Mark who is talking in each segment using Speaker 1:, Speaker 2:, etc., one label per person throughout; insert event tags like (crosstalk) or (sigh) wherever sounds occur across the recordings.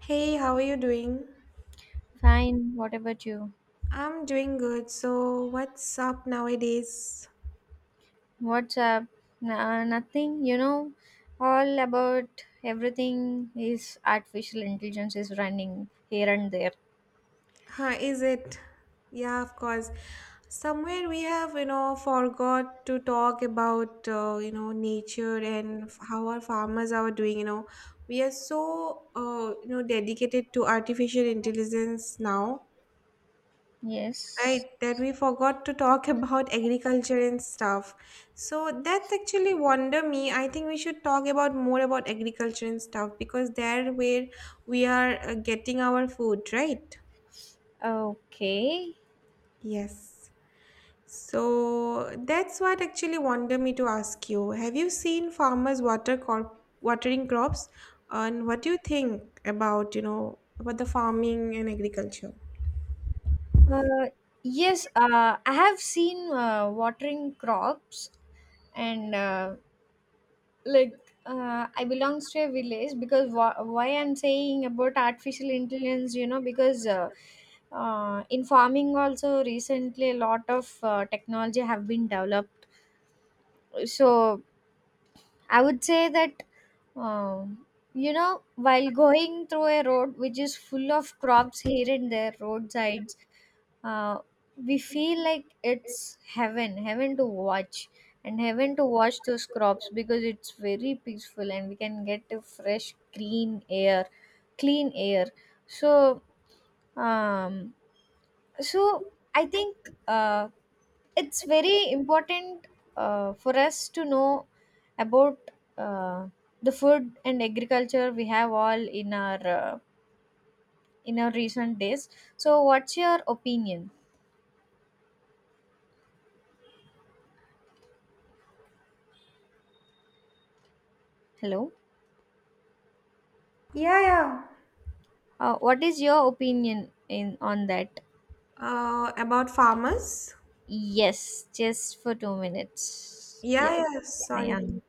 Speaker 1: Hey, how are you doing?
Speaker 2: Fine, what about you?
Speaker 1: I'm doing good. So, what's up nowadays?
Speaker 2: What's up? Nothing, all about everything is artificial intelligence is running here and there.
Speaker 1: Huh, is it? Yeah, of course. Somewhere we have, you know, forgot to talk about, you know, nature and how our farmers are doing. You know, we are so, you know, dedicated to artificial intelligence now.
Speaker 2: Yes.
Speaker 1: Right, that we forgot to talk (laughs) about agriculture and stuff. So that's actually wonder me. I think we should talk about more about agriculture and stuff because there where we are getting our food, right?
Speaker 2: Okay.
Speaker 1: Yes. So that's what actually wonder me to ask you. Have you seen farmers watering crops? And what do you think about, you know, about the farming and agriculture?
Speaker 2: Uh, yes, I have seen watering crops, and like I belong to a village, because why I'm saying about artificial intelligence, you know, because in farming also recently a lot of technology have been developed. So I would say that, um, while going through a road which is full of crops here and there, roadsides, uh, we feel like it's heaven, heaven to watch, and heaven to watch those crops, because it's very peaceful, and we can get a fresh green air, clean air. So, um so I think uh, it's very important for us to know about uh, the food and agriculture we have all in our, in our recent days. So what's your opinion? Hello?
Speaker 1: Yeah, yeah.
Speaker 2: What is your opinion in on that?
Speaker 1: About farmers?
Speaker 2: Yes, just for 2 minutes.
Speaker 1: Yeah,
Speaker 2: Yes,
Speaker 1: yeah,
Speaker 2: I
Speaker 1: sorry.
Speaker 2: am.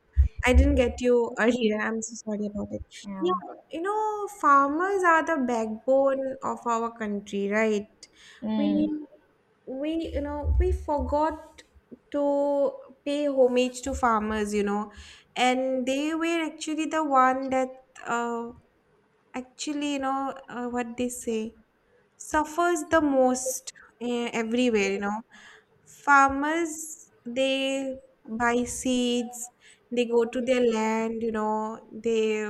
Speaker 1: I didn't get you earlier. I'm so sorry about it.
Speaker 2: I am.
Speaker 1: Yeah, you know, farmers are the backbone of our country, right?
Speaker 2: Mm.
Speaker 1: We, we, you know, we forgot to pay homage to farmers, you know, and they were actually the one that, uh, actually, you know, what they say, suffers the most everywhere, you know, farmers, they buy seeds, they go to their land, you know, they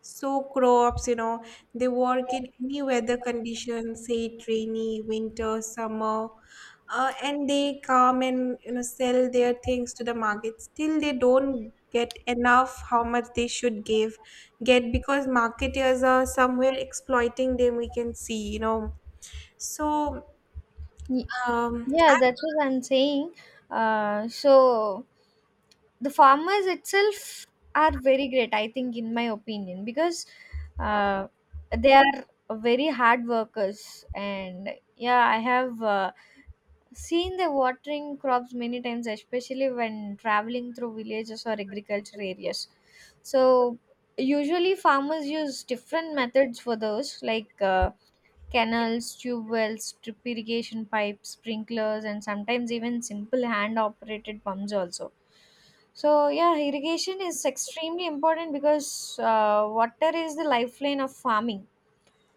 Speaker 1: sow crops, you know, they work in any weather conditions, say it rainy, winter, summer, and they come and, you know, sell their things to the market, still they don't get enough how much they should give, get, because marketers are somewhere exploiting them, we can see, you know, so
Speaker 2: Y-
Speaker 1: um,
Speaker 2: Yeah, that's what I'm saying. So the farmers itself are very great, I think, in my opinion, because uh, they are very hard workers. And yeah, I have. Seen the watering crops many times, especially when traveling through villages or agriculture areas. So usually farmers use different methods for those, like canals, tube wells, drip irrigation pipes, sprinklers, and sometimes even simple hand-operated pumps also. So yeah, irrigation is extremely important, because water is the lifeline of farming,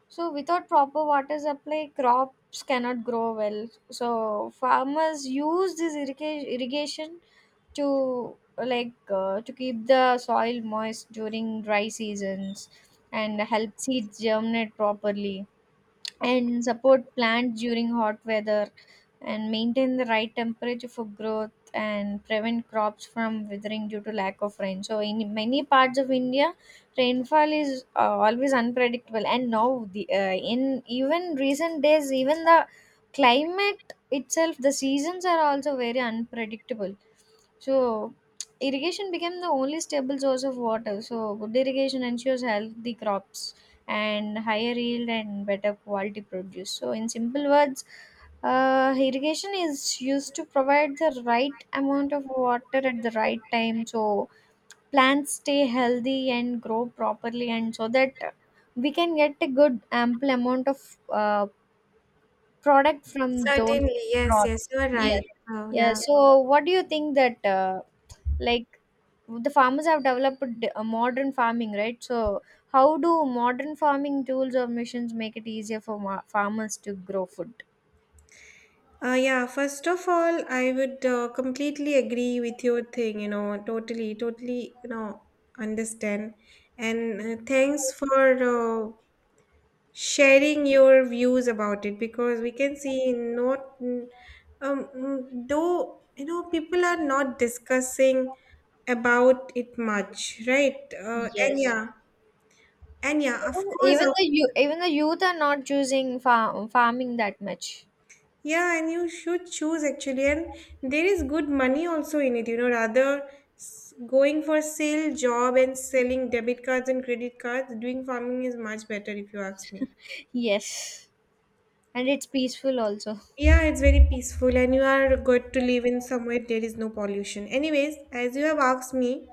Speaker 2: so without proper water supply, crops cannot grow well. So farmers use this irrigation to, to keep the soil moist during dry seasons, and help seeds germinate properly, and support plants during hot weather, and maintain the right temperature for growth, and prevent crops from withering due to lack of rain. So in many parts of India, rainfall is always unpredictable, and now the, in even recent days, even the climate itself, the seasons are also very unpredictable. So irrigation became the only stable source of water. So good irrigation ensures healthy crops and higher yield and better quality produce. So, in simple words, irrigation is used to provide the right amount of water at the right time, so plants stay healthy and grow properly, and so that we can get a good ample amount of product from those
Speaker 1: Certainly, yes, yes,
Speaker 2: crops.
Speaker 1: you are right.
Speaker 2: Yes.
Speaker 1: Oh,
Speaker 2: Yeah.
Speaker 1: yeah.
Speaker 2: So, what do you think that like the farmers have developed a modern farming, right? So how do modern farming tools or machines make it easier for farmers to grow food?
Speaker 1: Yeah, first of all, I would completely agree with your thing, you know, totally, totally, you know, understand. And thanks for sharing your views about it because we can see not, though, you know, people are not discussing about it much, right? And
Speaker 2: Yes.
Speaker 1: yeah, and yeah, of
Speaker 2: even
Speaker 1: course, of
Speaker 2: even the you even the youth are not choosing farming that much.
Speaker 1: Yeah, and you should choose actually, and there is good money also in it, you know, rather going for sale job and selling debit cards and credit cards, doing farming is much better if you ask me.
Speaker 2: (laughs) Yes, and it's peaceful also.
Speaker 1: Yeah, it's very peaceful, and you are good to live in somewhere there is no pollution. Anyways, as you have asked me,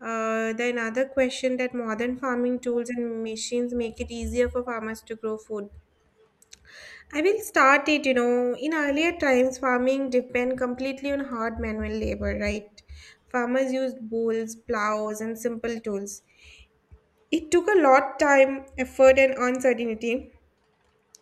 Speaker 1: the another question that modern farming tools and machines make it easier for farmers to grow food. I will start it, you know. In earlier times, farming depend completely on hard manual labor, right? Farmers used bulls, plows, and simple tools. It took a lot time, effort, and uncertainty,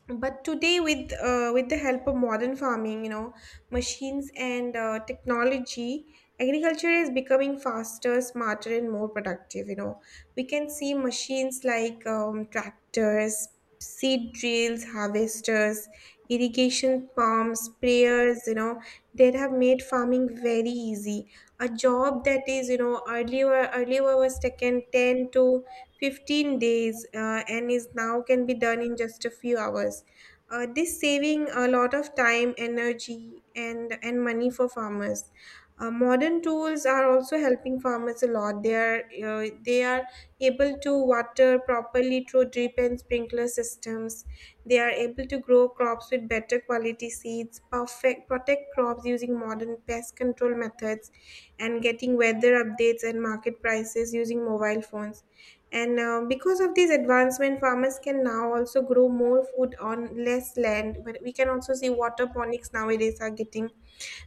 Speaker 1: but today with with the help of modern farming, you know, machines and technology, agriculture is becoming faster, smarter, and more productive. You know, we can see machines like tractors, seed drills, harvesters, irrigation pumps, sprayers, you know, that have made farming very easy. A job that is, you know, earlier was taken 10 to 15 days, and is now can be done in just a few hours. This saving a lot of time, energy, and money for farmers. Modern tools are also helping farmers a lot. They are able to water properly through drip and sprinkler systems. They are able to grow crops with better quality seeds, perfect protect crops using modern pest control methods, and getting weather updates and market prices using mobile phones, and because of these advancement, farmers can now also grow more food on less land. But we can also see waterponics nowadays are getting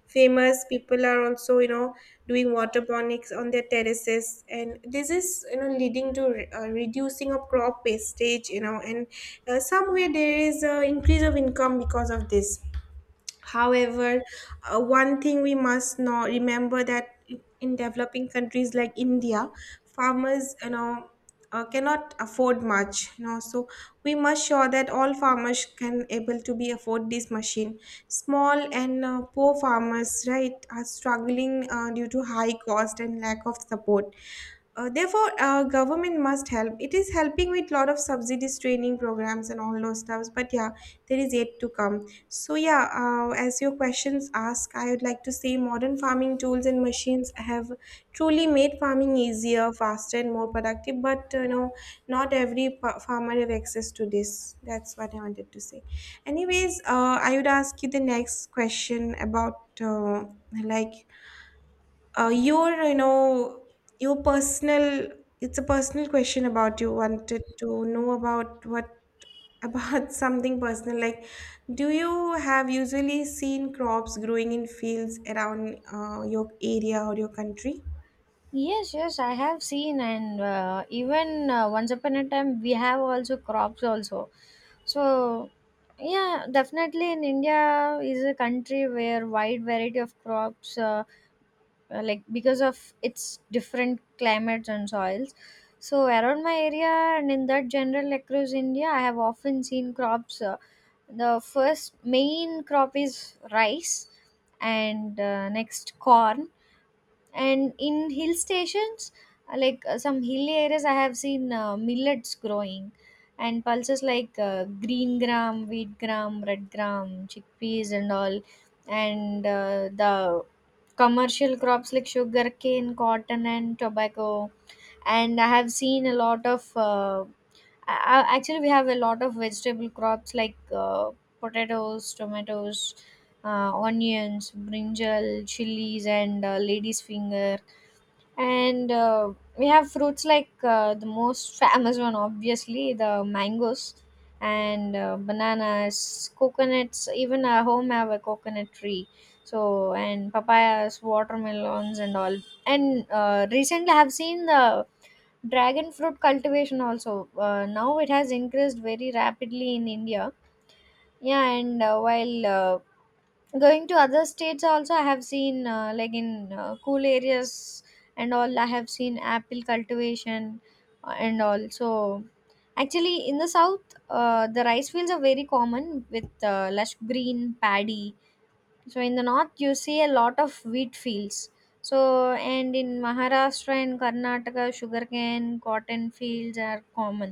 Speaker 1: famous. People are also, you know, doing waterponics on their terraces, and this is, you know, leading to reducing of crop wastage. You know, and somewhere there is a increase of income because of this. However, one thing we must not remember that in developing countries like India, farmers, you know, cannot afford much, you know. So we must sure that all farmers can able to be afford this machine. Small and poor farmers, right, are struggling due to high cost and lack of support. Therefore, government must help. It is helping with lot of subsidies, training programs, and all those stuffs. But yeah, there is yet to come. So yeah, as your questions ask, I would like to say modern farming tools and machines have truly made farming easier, faster, and more productive. But you know, not every farmer have access to this. That's what I wanted to say. Anyways, I would ask you the next question about like your, you know, your personal, it's a personal question about, you wanted to know about what about (laughs) something personal like, do you have usually seen crops growing in fields around your area or your country?
Speaker 2: Yes, yes, I have seen, and even, once upon a time, we have also crops also. So, yeah, definitely, in India is a country where wide variety of crops, because of its different climates and soils. So around my area, and in that general across India, I have often seen crops. The first main crop is rice, and next corn, and in hill stations, some hilly areas, I have seen millets growing, and pulses like green gram, wheat gram, red gram, chickpeas and all, and the commercial crops like sugar cane, cotton and tobacco. And I have seen a lot of actually we have a lot of vegetable crops like potatoes, tomatoes, onions, brinjal, chilies, and lady's finger. And we have fruits like the most famous one, obviously the mangoes, and bananas, coconuts. Even our home have a coconut tree. So, and papayas, watermelons and all. And recently I have seen the dragon fruit cultivation also. Now it has increased very rapidly in India. Yeah, and while going to other states also, I have seen, in cool areas and all. I have seen apple cultivation, and also, actually, in the south, the rice fields are very common with lush green paddy. So in the north you see a lot of wheat fields. So, and in Maharashtra and Karnataka, sugarcane cotton fields are common.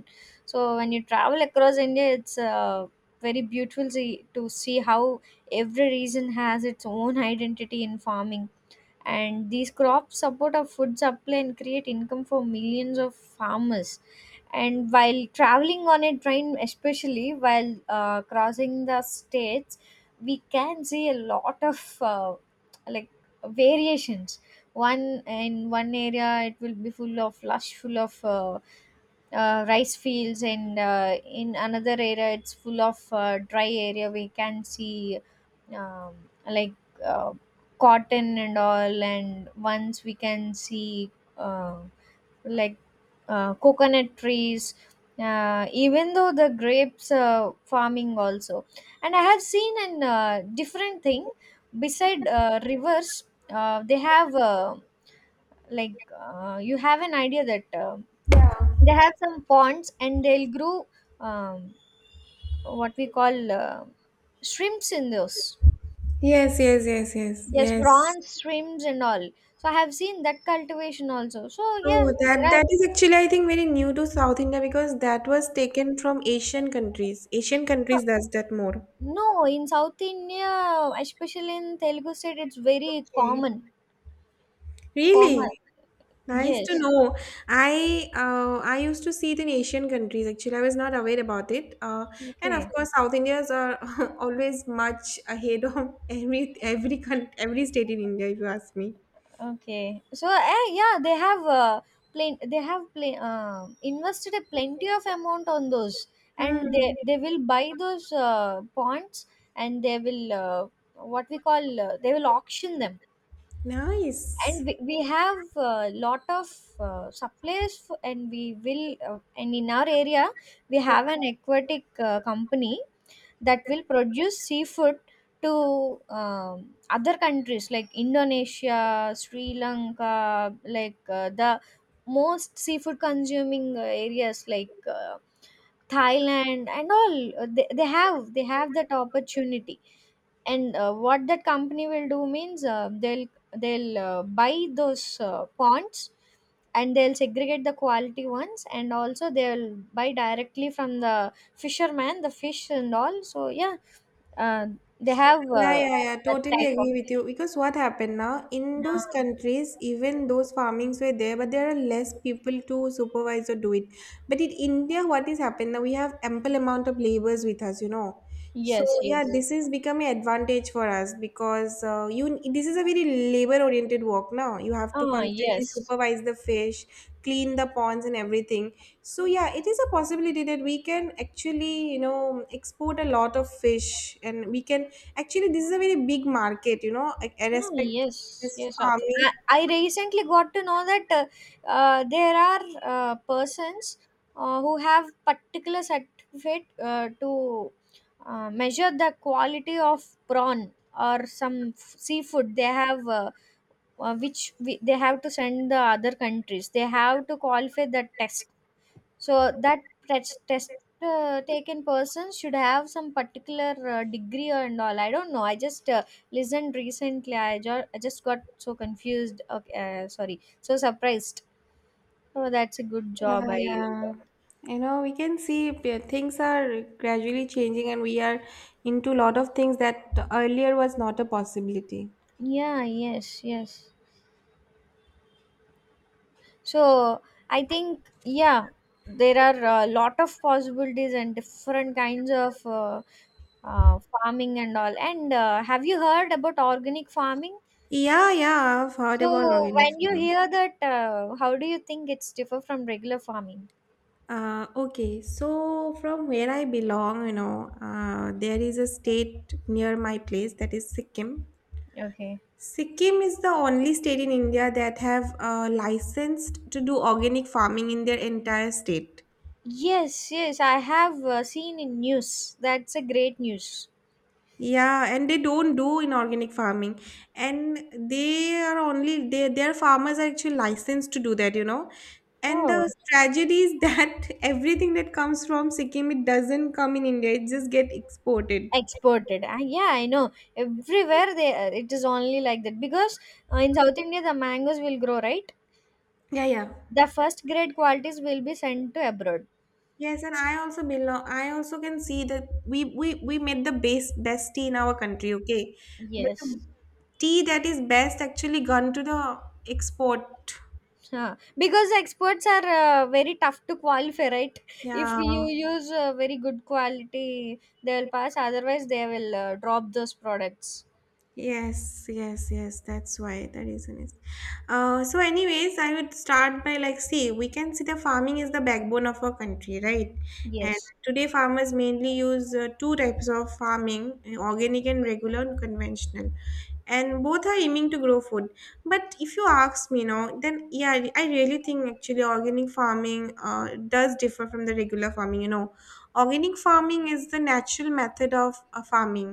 Speaker 2: So when you travel across India, it's very beautiful see, to see how every region has its own identity in farming, and these crops support our food supply and create income for millions of farmers. And while traveling on a train, especially while crossing the states, we can see a lot of, like variations. One in one area it will be full of lush, full of rice fields, and in another area it's full of dry area, we can see um, like uh, cotton and all. And once we can see, uh, like coconut trees, even though the grapes farming also. And I have seen an, different thing, beside rivers, they have, like you have an idea that they have some ponds, and they'll grow, um, what we call, shrimps in those.
Speaker 1: Yes, yes, yes, yes,
Speaker 2: Yes,
Speaker 1: yes.
Speaker 2: prawns, shrimps, and all. So I have seen that cultivation also. So
Speaker 1: So
Speaker 2: yeah,
Speaker 1: that
Speaker 2: there are,
Speaker 1: that is actually I think very new to South India because that was taken from Asian countries, Asian
Speaker 2: no,
Speaker 1: countries does that more.
Speaker 2: no, in South India, especially in Telugu state, it's very
Speaker 1: Okay,
Speaker 2: common.
Speaker 1: really.
Speaker 2: Common,
Speaker 1: Nice to
Speaker 2: yes.
Speaker 1: know. I used to see it in Asian countries. Actually, I was not aware about it. And of
Speaker 2: Okay.
Speaker 1: course, South Indians are (laughs) always much ahead of (laughs) every state in India. If you ask me.
Speaker 2: Okay. So yeah, they have, plain invested a plenty of amount on those, and
Speaker 1: Hmm.
Speaker 2: they will buy those points, and they will, what we call, they will auction them.
Speaker 1: Nice.
Speaker 2: And we have a lot of suppliers, and we will, and in our area we have an aquatic company that will produce seafood to, other countries like Indonesia, Sri Lanka, like the most seafood consuming areas like Thailand and all. They have that opportunity. And what that company will do means, they'll buy those ponds, and they'll segregate the quality ones, and also they'll buy directly from the fisherman the fish and all. So yeah, uh, they have,
Speaker 1: Yeah, yeah, yeah.
Speaker 2: that
Speaker 1: Totally
Speaker 2: type of
Speaker 1: agree with
Speaker 2: thing.
Speaker 1: you. Because what happened now in those
Speaker 2: Ah,
Speaker 1: countries, even those farmings were there, but there are less people to supervise or do it. But in India, what is happened now? We have ample amount of laborers with us, you know. So
Speaker 2: yes,
Speaker 1: yeah,
Speaker 2: yes.
Speaker 1: this is becoming advantage for us because you this is a very labor oriented work now. You have to
Speaker 2: Ah,
Speaker 1: constantly
Speaker 2: yes.
Speaker 1: supervise the fish, clean the ponds and everything. So yeah, it is a possibility that we can actually, you know, export a lot of fish and we can actually, this is a very big market, you know. I
Speaker 2: Oh,
Speaker 1: respect
Speaker 2: yes,
Speaker 1: this
Speaker 2: yes.
Speaker 1: farming.
Speaker 2: I recently got to know that there are persons who have particular certificate to measure the quality of prawn, or some seafood they have, which we, they have to send the other countries, they have to qualify the test. So that test taken person should have some particular degree and all. I don't know. I just listened recently. I just got so confused. Okay, sorry, so surprised. Oh, that's a good job.
Speaker 1: Yeah,
Speaker 2: I
Speaker 1: yeah. You know, we can see things are gradually changing, and we are into a lot of things that earlier was not a possibility.
Speaker 2: Yeah, yes, yes. So I think, yeah, there are a lot of possibilities and different kinds of farming and all. And have you heard about organic farming?
Speaker 1: Yeah, yeah, I've heard about
Speaker 2: So
Speaker 1: organic
Speaker 2: when you
Speaker 1: farming.
Speaker 2: hear that, how do you think it's differ from regular farming?
Speaker 1: Okay, so from where I belong, you know, there is a state near my place that is Sikkim.
Speaker 2: Okay.
Speaker 1: Sikkim is the only state in India that have licensed to do organic farming in their entire state.
Speaker 2: Yes, yes, I have seen in news. That's a great news.
Speaker 1: Yeah, and they don't do inorganic farming, and they are only they their farmers are actually licensed to do that, you know. And
Speaker 2: Oh.
Speaker 1: the tragedy is that (laughs) everything that comes from Sikkim, it doesn't come in India; it just get exported.
Speaker 2: Exported. Yeah, I know. Everywhere they are, it is only like that, because in South India the mangoes will grow, right?
Speaker 1: Yeah, yeah.
Speaker 2: The first grade qualities will be sent to abroad.
Speaker 1: Yes, and I also belong. I also can see that we made the base best tea in our country. Okay, but the
Speaker 2: Yes.
Speaker 1: tea that is best actually gone to the export.
Speaker 2: Yeah, because exports are very tough to qualify, right? If you
Speaker 1: Yeah.
Speaker 2: use very good quality, they'll pass. Otherwise, they will drop those products.
Speaker 1: Yes, yes, yes. That's why the reason is. So, anyways, I would start by like, see, we can see the farming is the backbone of our country, right? And
Speaker 2: Yes.
Speaker 1: today, farmers mainly use two types of farming: organic and regular and conventional, and both are aiming to grow food, but if you ask me now, then yeah, I really think actually organic farming does differ from the regular farming. You know, organic farming is the natural method of farming.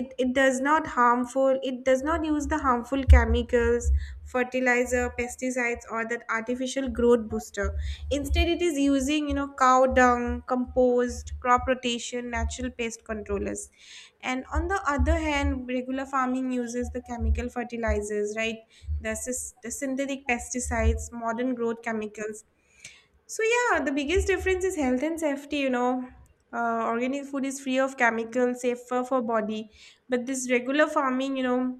Speaker 1: It does not harmful, it does not use the harmful chemicals, fertilizer, pesticides, or that artificial growth booster. Instead, it is using, you know, cow dung, compost, crop rotation, natural pest controllers. And on the other hand, regular farming uses the chemical fertilizers, right? The, the synthetic pesticides, modern growth chemicals. So, yeah, the biggest difference is health and safety, you know. Organic food is free of chemicals, safer for body. But this regular farming, you know,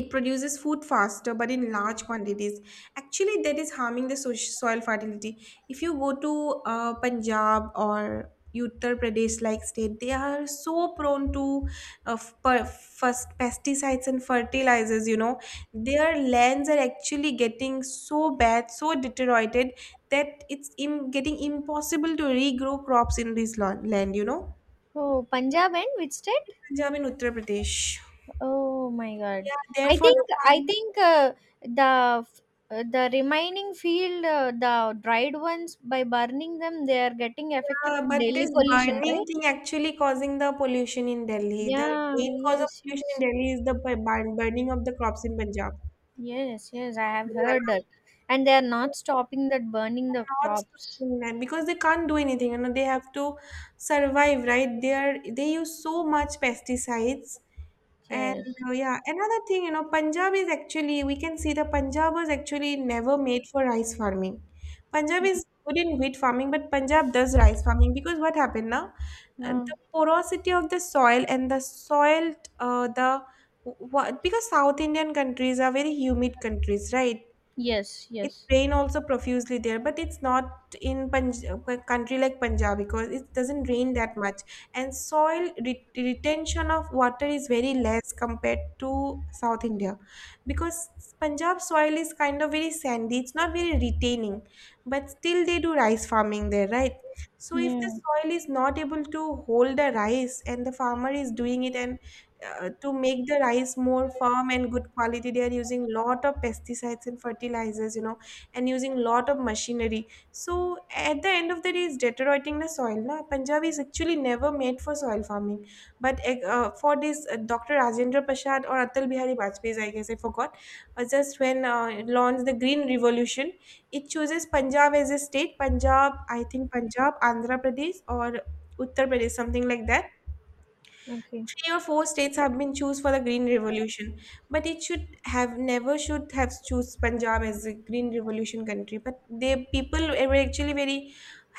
Speaker 1: it produces food faster but in large quantities. Actually, that is harming the soil fertility. If you go to Punjab or Uttar Pradesh like state, they are so prone to first pesticides and fertilizers. You know, their lands are actually getting so bad, so deteriorated that it's getting impossible to regrow crops in this land. You know,
Speaker 2: Oh, Punjab and which state?
Speaker 1: Punjab and Uttar Pradesh.
Speaker 2: Oh my God.
Speaker 1: Yeah,
Speaker 2: I
Speaker 1: therefore the
Speaker 2: think I
Speaker 1: farmers.
Speaker 2: think the f- the remaining field, the dried ones, by burning them, they are getting affected
Speaker 1: Yeah,
Speaker 2: to
Speaker 1: but this
Speaker 2: daily pollution,
Speaker 1: burning
Speaker 2: right?
Speaker 1: thing actually causing the pollution in Delhi. The
Speaker 2: Yeah.
Speaker 1: main cause of
Speaker 2: Yes.
Speaker 1: pollution in
Speaker 2: Yes.
Speaker 1: Delhi is the burning of the crops in Punjab.
Speaker 2: Yes, yes, I have heard that. And they are not stopping that burning the
Speaker 1: Not
Speaker 2: crops.
Speaker 1: stopping that because they can't do anything. You know, they have to survive, right? They are they use so much pesticides. And
Speaker 2: Yes.
Speaker 1: yeah, another thing, you know, Punjab is actually we can see the Punjab was actually never made for rice farming. Punjab is good in wheat farming, but Punjab does rice farming because what happened now? And
Speaker 2: Uh,
Speaker 1: the porosity of the soil and the soil the what, because South Indian countries are very humid countries, right?
Speaker 2: yes,
Speaker 1: It's
Speaker 2: yes.
Speaker 1: rain also profusely there, but it's not in a country like Punjab because it doesn't rain that much. And soil retention of water is very less compared to South India. Because Punjab soil is kind of very sandy, it's not very retaining. But still they do rice farming there, right? So if the
Speaker 2: Yeah.
Speaker 1: soil is not able to hold the rice and the farmer is doing it, and to make the rice more firm and good quality, they are using lot of pesticides and fertilizers. And using lot of machinery, so at the end of the day it's deteriorating the soil. Na, Punjab is actually never made for soil farming. But for this, Dr. Rajendra Prasad or Atal Bihari Vajpayee, I guess, I forgot. Just when launched the Green Revolution, it chooses Punjab as a state. Punjab, I think, Punjab, Andhra Pradesh, or Uttar Pradesh, something like that.
Speaker 2: Okay.
Speaker 1: Three or four states have been choose for the Green Revolution. But it should have never should have choose Punjab as a Green Revolution country. But they people were actually very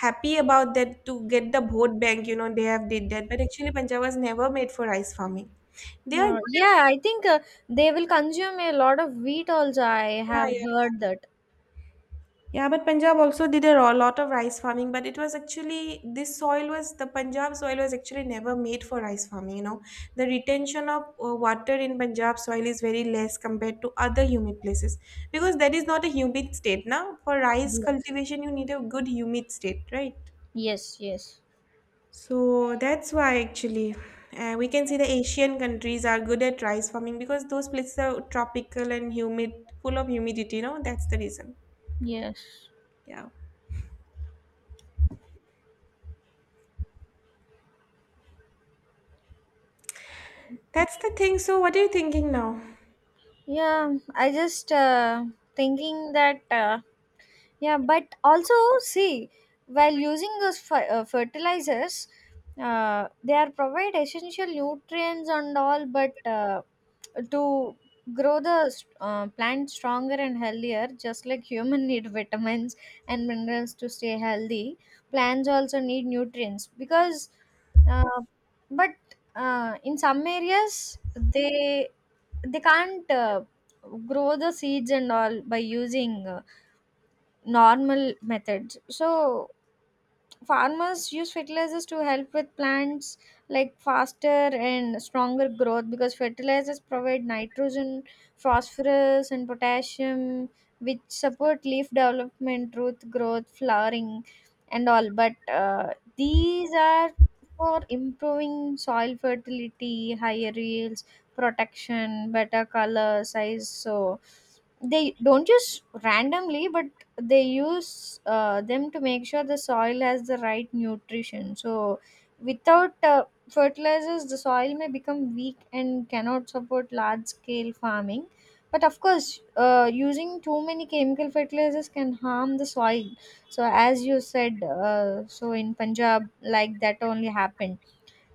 Speaker 1: happy about that. To get the vote bank, you know, they have did that. But actually Punjab was never made for rice farming. They are
Speaker 2: Uh,
Speaker 1: good at,
Speaker 2: yeah, I think they will consume a lot of wheat also. I
Speaker 1: yeah,
Speaker 2: have
Speaker 1: yeah.
Speaker 2: heard that.
Speaker 1: Yeah, but Punjab also did a lot of rice farming. But it was actually this soil was the Punjab soil was actually never made for rice farming. You know, the retention of water in Punjab soil is very less compared to other humid places because that is not a humid state. Now, for rice
Speaker 2: Yeah.
Speaker 1: cultivation, you need a good humid state, right?
Speaker 2: Yes, yes,
Speaker 1: So that's why actually we can see the Asian countries are good at rice farming because those places are tropical and humid, full of humidity. You know, that's the reason.
Speaker 2: yes.
Speaker 1: Yeah. That's the thing. So, what are you thinking now?
Speaker 2: Yeah, I just thinking that, yeah, but also, see, while using those fertilizers, they are provide essential nutrients and all, but to grow the, plant stronger and healthier, just like human (laughs) need vitamins and minerals to stay healthy, plants also need nutrients because, uh, but in some areas they, can't grow the seeds and all by using normal methods. So farmers use fertilizers to help with plants, like faster and stronger growth, because fertilizers provide nitrogen, phosphorus and potassium, which support leaf development, root growth, flowering and all. But these are for improving soil fertility, higher yields, protection, better color, size. So they don't use randomly, but they use them to make sure the soil has the right nutrition. So without fertilizers the soil may become weak and cannot support large scale farming. But of course, using too many chemical fertilizers can harm the soil. So as you said, so in Punjab like that only happened.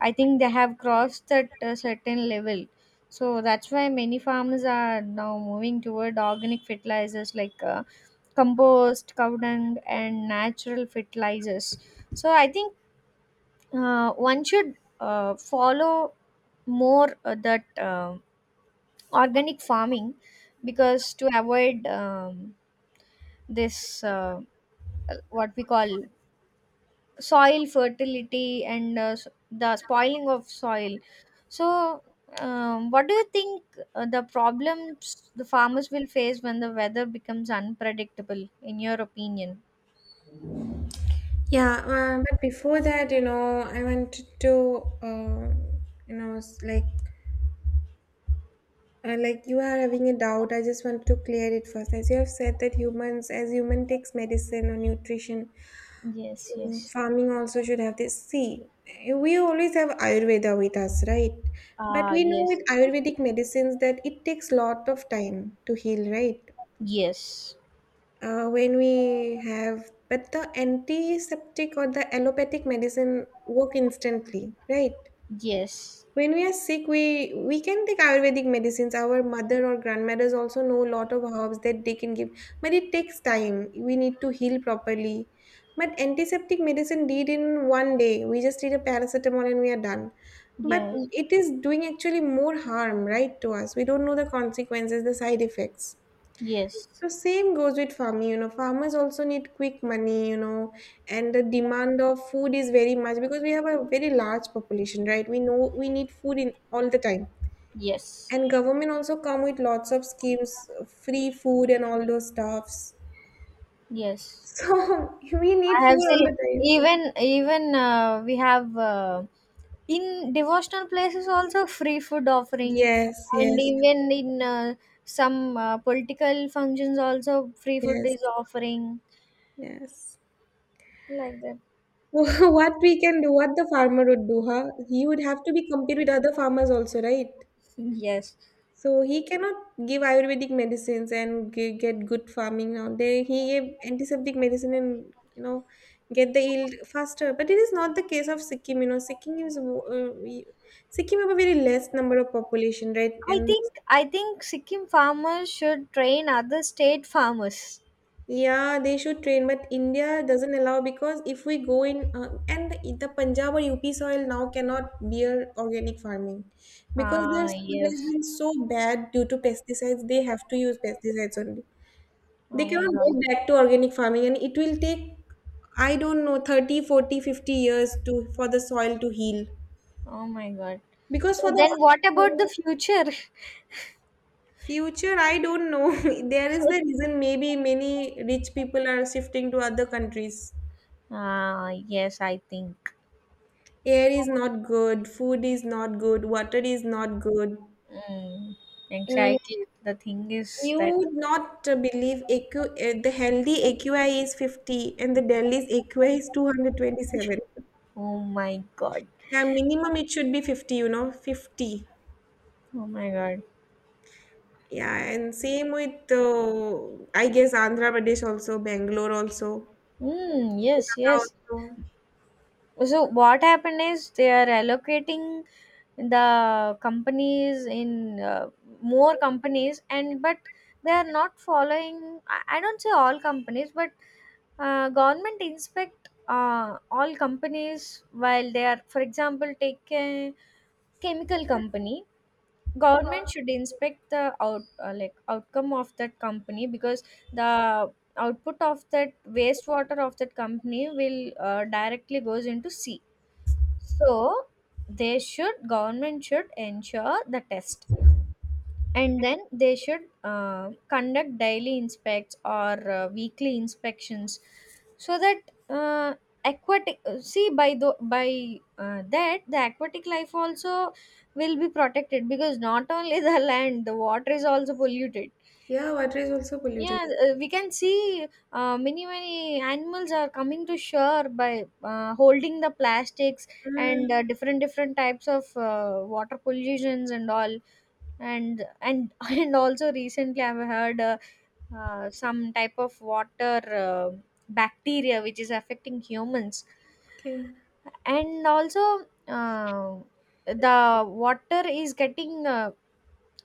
Speaker 2: I think they have crossed that certain level. So that's why many farmers are now moving toward organic fertilizers like compost, cow dung, and natural fertilizers. So I think, one should follow more, that organic farming, because to avoid, this what we call, soil fertility, and the spoiling of soil. So, what do you think the problems the farmers will face when the weather becomes unpredictable, in your opinion?
Speaker 1: Yeah, but before that, you know, I wanted to, you know, s- like, like you are having a doubt. I just wanted to clear it first. As you have said that humans, as human takes medicine or nutrition,
Speaker 2: Yes, yes.
Speaker 1: farming also should have this. See, we always have Ayurveda with us, right? But
Speaker 2: Ah,
Speaker 1: we know
Speaker 2: yes,
Speaker 1: with Ayurvedic medicines that it takes lot of time to heal, right?
Speaker 2: yes,
Speaker 1: When we have But the antiseptic or the allopathic medicine work instantly, right?
Speaker 2: yes,
Speaker 1: When we are sick, we can take Ayurvedic medicines. Our mother or grandmothers also know a lot of herbs that they can give. But it takes time. We need to heal properly. But antiseptic medicine did in one day. We just need a paracetamol and we are done. But
Speaker 2: yes,
Speaker 1: it is doing actually more harm, right, to us. We don't know the consequences, the side effects.
Speaker 2: yes,
Speaker 1: So same goes with farming. Farmers also need quick money, and the demand of food is very much because we have a very large population, right? We know we need food in all the time.
Speaker 2: yes,
Speaker 1: And government also come with lots of schemes, free food and all those stuffs.
Speaker 2: yes.
Speaker 1: So (laughs) we need
Speaker 2: I have
Speaker 1: food all
Speaker 2: seen,
Speaker 1: the time.
Speaker 2: even we have in devotional places also free food offering,
Speaker 1: Yes,
Speaker 2: and
Speaker 1: yes,
Speaker 2: even in some political functions also free food
Speaker 1: yes,
Speaker 2: is offering,
Speaker 1: yes.
Speaker 2: like that.
Speaker 1: (laughs) What we can do, what the farmer would do, huh? He would have to be compete with other farmers also, right?
Speaker 2: (laughs) Yes,
Speaker 1: So he cannot give Ayurvedic medicines and get good farming now. They he gave antiseptic medicine and, get the yield faster. But it is not the case of Sikkim. You know, Sikkim is mo- we- Sikkim have a very less number of population, right?
Speaker 2: I
Speaker 1: And
Speaker 2: think I think Sikkim farmers should train other state farmers.
Speaker 1: yeah, they should train, but India doesn't allow because if we go in and the Punjab or UP soil now cannot bear organic farming because their
Speaker 2: Ah,
Speaker 1: soil has
Speaker 2: yes.
Speaker 1: been so bad due to pesticides. They have to use pesticides only. They
Speaker 2: Oh my
Speaker 1: cannot
Speaker 2: God.
Speaker 1: go back to organic farming and it will take, I don't know, 30, 40, 50 years to for the soil to heal.
Speaker 2: Oh my god.
Speaker 1: Because for
Speaker 2: So
Speaker 1: the
Speaker 2: then what about the
Speaker 1: organic
Speaker 2: future?
Speaker 1: future, I don't know. (laughs) There is the
Speaker 2: (laughs)
Speaker 1: reason maybe many rich people are shifting to other countries.
Speaker 2: Ah, yes, I think.
Speaker 1: Air is not good, food is not good, water is not good.
Speaker 2: Mm,
Speaker 1: And
Speaker 2: exactly. The thing is
Speaker 1: you
Speaker 2: that,
Speaker 1: would not believe the healthy AQI is 50 and the Delhi's AQI is 227.
Speaker 2: oh my god.
Speaker 1: Yeah, minimum it should be 50, 50.
Speaker 2: Oh my god.
Speaker 1: Yeah, and same with, I guess, Andhra Pradesh also, Bangalore also,
Speaker 2: Mm, yes,
Speaker 1: Kolkata
Speaker 2: yes.
Speaker 1: also.
Speaker 2: So what happened is they are allocating the companies in, more companies. And but they are not following. I don't say all companies, but government inspect all companies while they are, for example, take a chemical company, government should inspect the outcome of that company, because the output of that wastewater of that company will directly goes into sea. So they should, government should ensure the test, and then they should conduct daily inspects or weekly inspections, so that, uh, aquatic see, by the by that the aquatic life also will be protected, because not only (laughs) the land, the water is also polluted.
Speaker 1: Yeah, water is also polluted.
Speaker 2: Yeah, we can see many, many animals are coming to shore by holding the plastics,
Speaker 1: Mm,
Speaker 2: and different, different types of water pollutions and all, and (laughs) and also recently I've heard, some type of water bacteria which is affecting humans.
Speaker 1: okay.
Speaker 2: And also the water is getting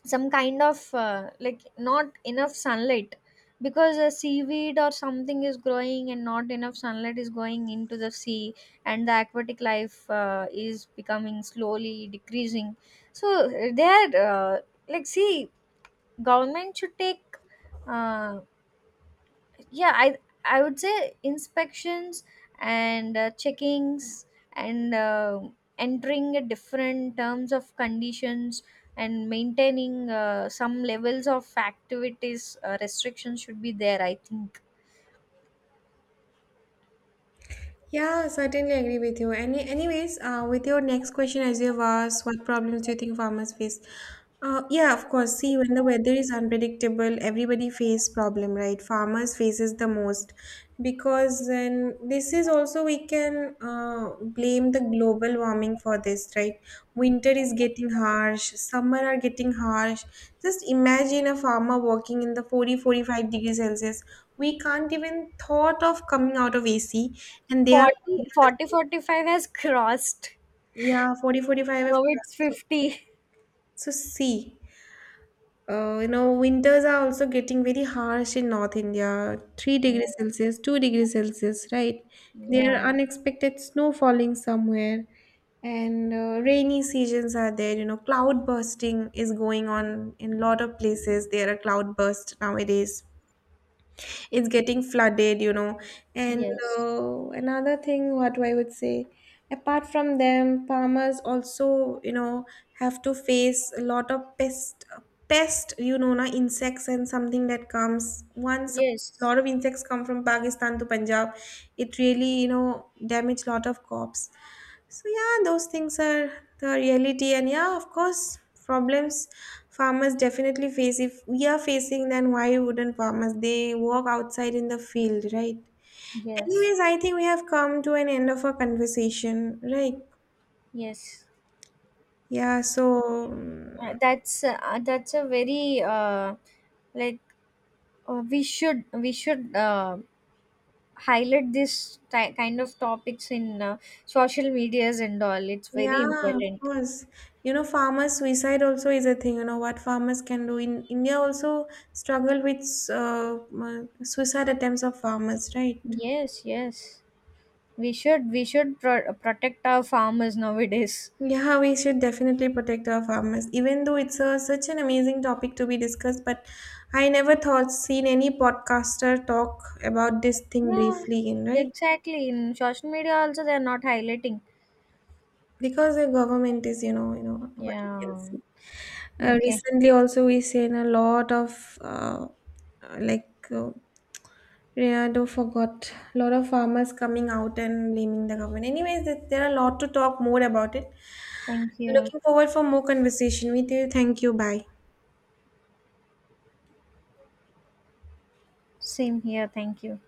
Speaker 2: some kind of, not enough sunlight, because a seaweed or something is growing and not enough sunlight is going into the sea, and the aquatic life is becoming slowly decreasing. So they are, uh, see, government should take, uh, yeah i I would say, inspections, and checkings, and entering a different terms of conditions, and maintaining some levels of activities, restrictions should be there, I think.
Speaker 1: Yeah, certainly agree with you. Anyways, with your next question, as you've asked, what problems do you think farmers face? Yeah, of course. See, when the weather is unpredictable, everybody face problem, right? Farmers faces the most because then this is also we can blame the global warming for this, right? Winter is getting harsh, summer are getting harsh. Just imagine a farmer working in the 40, forty-five 45 degrees Celsius. We can't even thought of coming out of AC and they are
Speaker 2: forty
Speaker 1: working in the
Speaker 2: forty
Speaker 1: field.
Speaker 2: forty five has (laughs) crossed.
Speaker 1: Yeah, 40, 45. 45 have
Speaker 2: Now
Speaker 1: cracks.
Speaker 2: it's
Speaker 1: So
Speaker 2: 50.
Speaker 1: see, winters are also getting very harsh in North India, 3 degrees Celsius, 2 degrees Celsius, right? There
Speaker 2: Yeah,
Speaker 1: are unexpected snow falling somewhere and rainy seasons are there. Cloud bursting is going on in a lot of places. There are cloud bursts nowadays. It's getting flooded. And
Speaker 2: yes,
Speaker 1: another thing what I would say, apart from them farmers also, have to face a lot of pest, na, insects and something that comes once a
Speaker 2: yes,
Speaker 1: lot of insects come from Pakistan to Punjab. It really damage lot of crops. So yeah, those things are the reality. And yeah, of course, problems farmers definitely face. If we are facing, then why wouldn't farmers? They work outside in the field, right?
Speaker 2: yes,
Speaker 1: Anyways, I think we have come to an end of our conversation, right?
Speaker 2: yes.
Speaker 1: Yeah. So mm,
Speaker 2: That's, that's a very, uh, like we should, we should highlight this ti kind of topics in social medias and all, it's very
Speaker 1: yeah, of
Speaker 2: important.
Speaker 1: course. You know, farmer suicide also is a thing. You know what farmers can do in India also struggle with suicide attempts of farmers, right?
Speaker 2: Yes, yes, we should protect our farmers nowadays.
Speaker 1: Yeah, we should definitely protect our farmers, even though it's such an amazing topic to be discussed. But I never thought seen any podcaster talk about this thing
Speaker 2: Yeah,
Speaker 1: briefly, in right?
Speaker 2: exactly, in social media also they are not highlighting.
Speaker 1: Because the government is, you know what you can
Speaker 2: Yeah.
Speaker 1: see.
Speaker 2: Okay.
Speaker 1: Recently, also we seen a lot of uh, like uh, Renato forgot a lot of farmers coming out and blaming the government. Anyways, there are a lot to talk more about it.
Speaker 2: Thank you.
Speaker 1: Looking forward for more conversation with you. Thank you. Bye.
Speaker 2: Same here, thank you.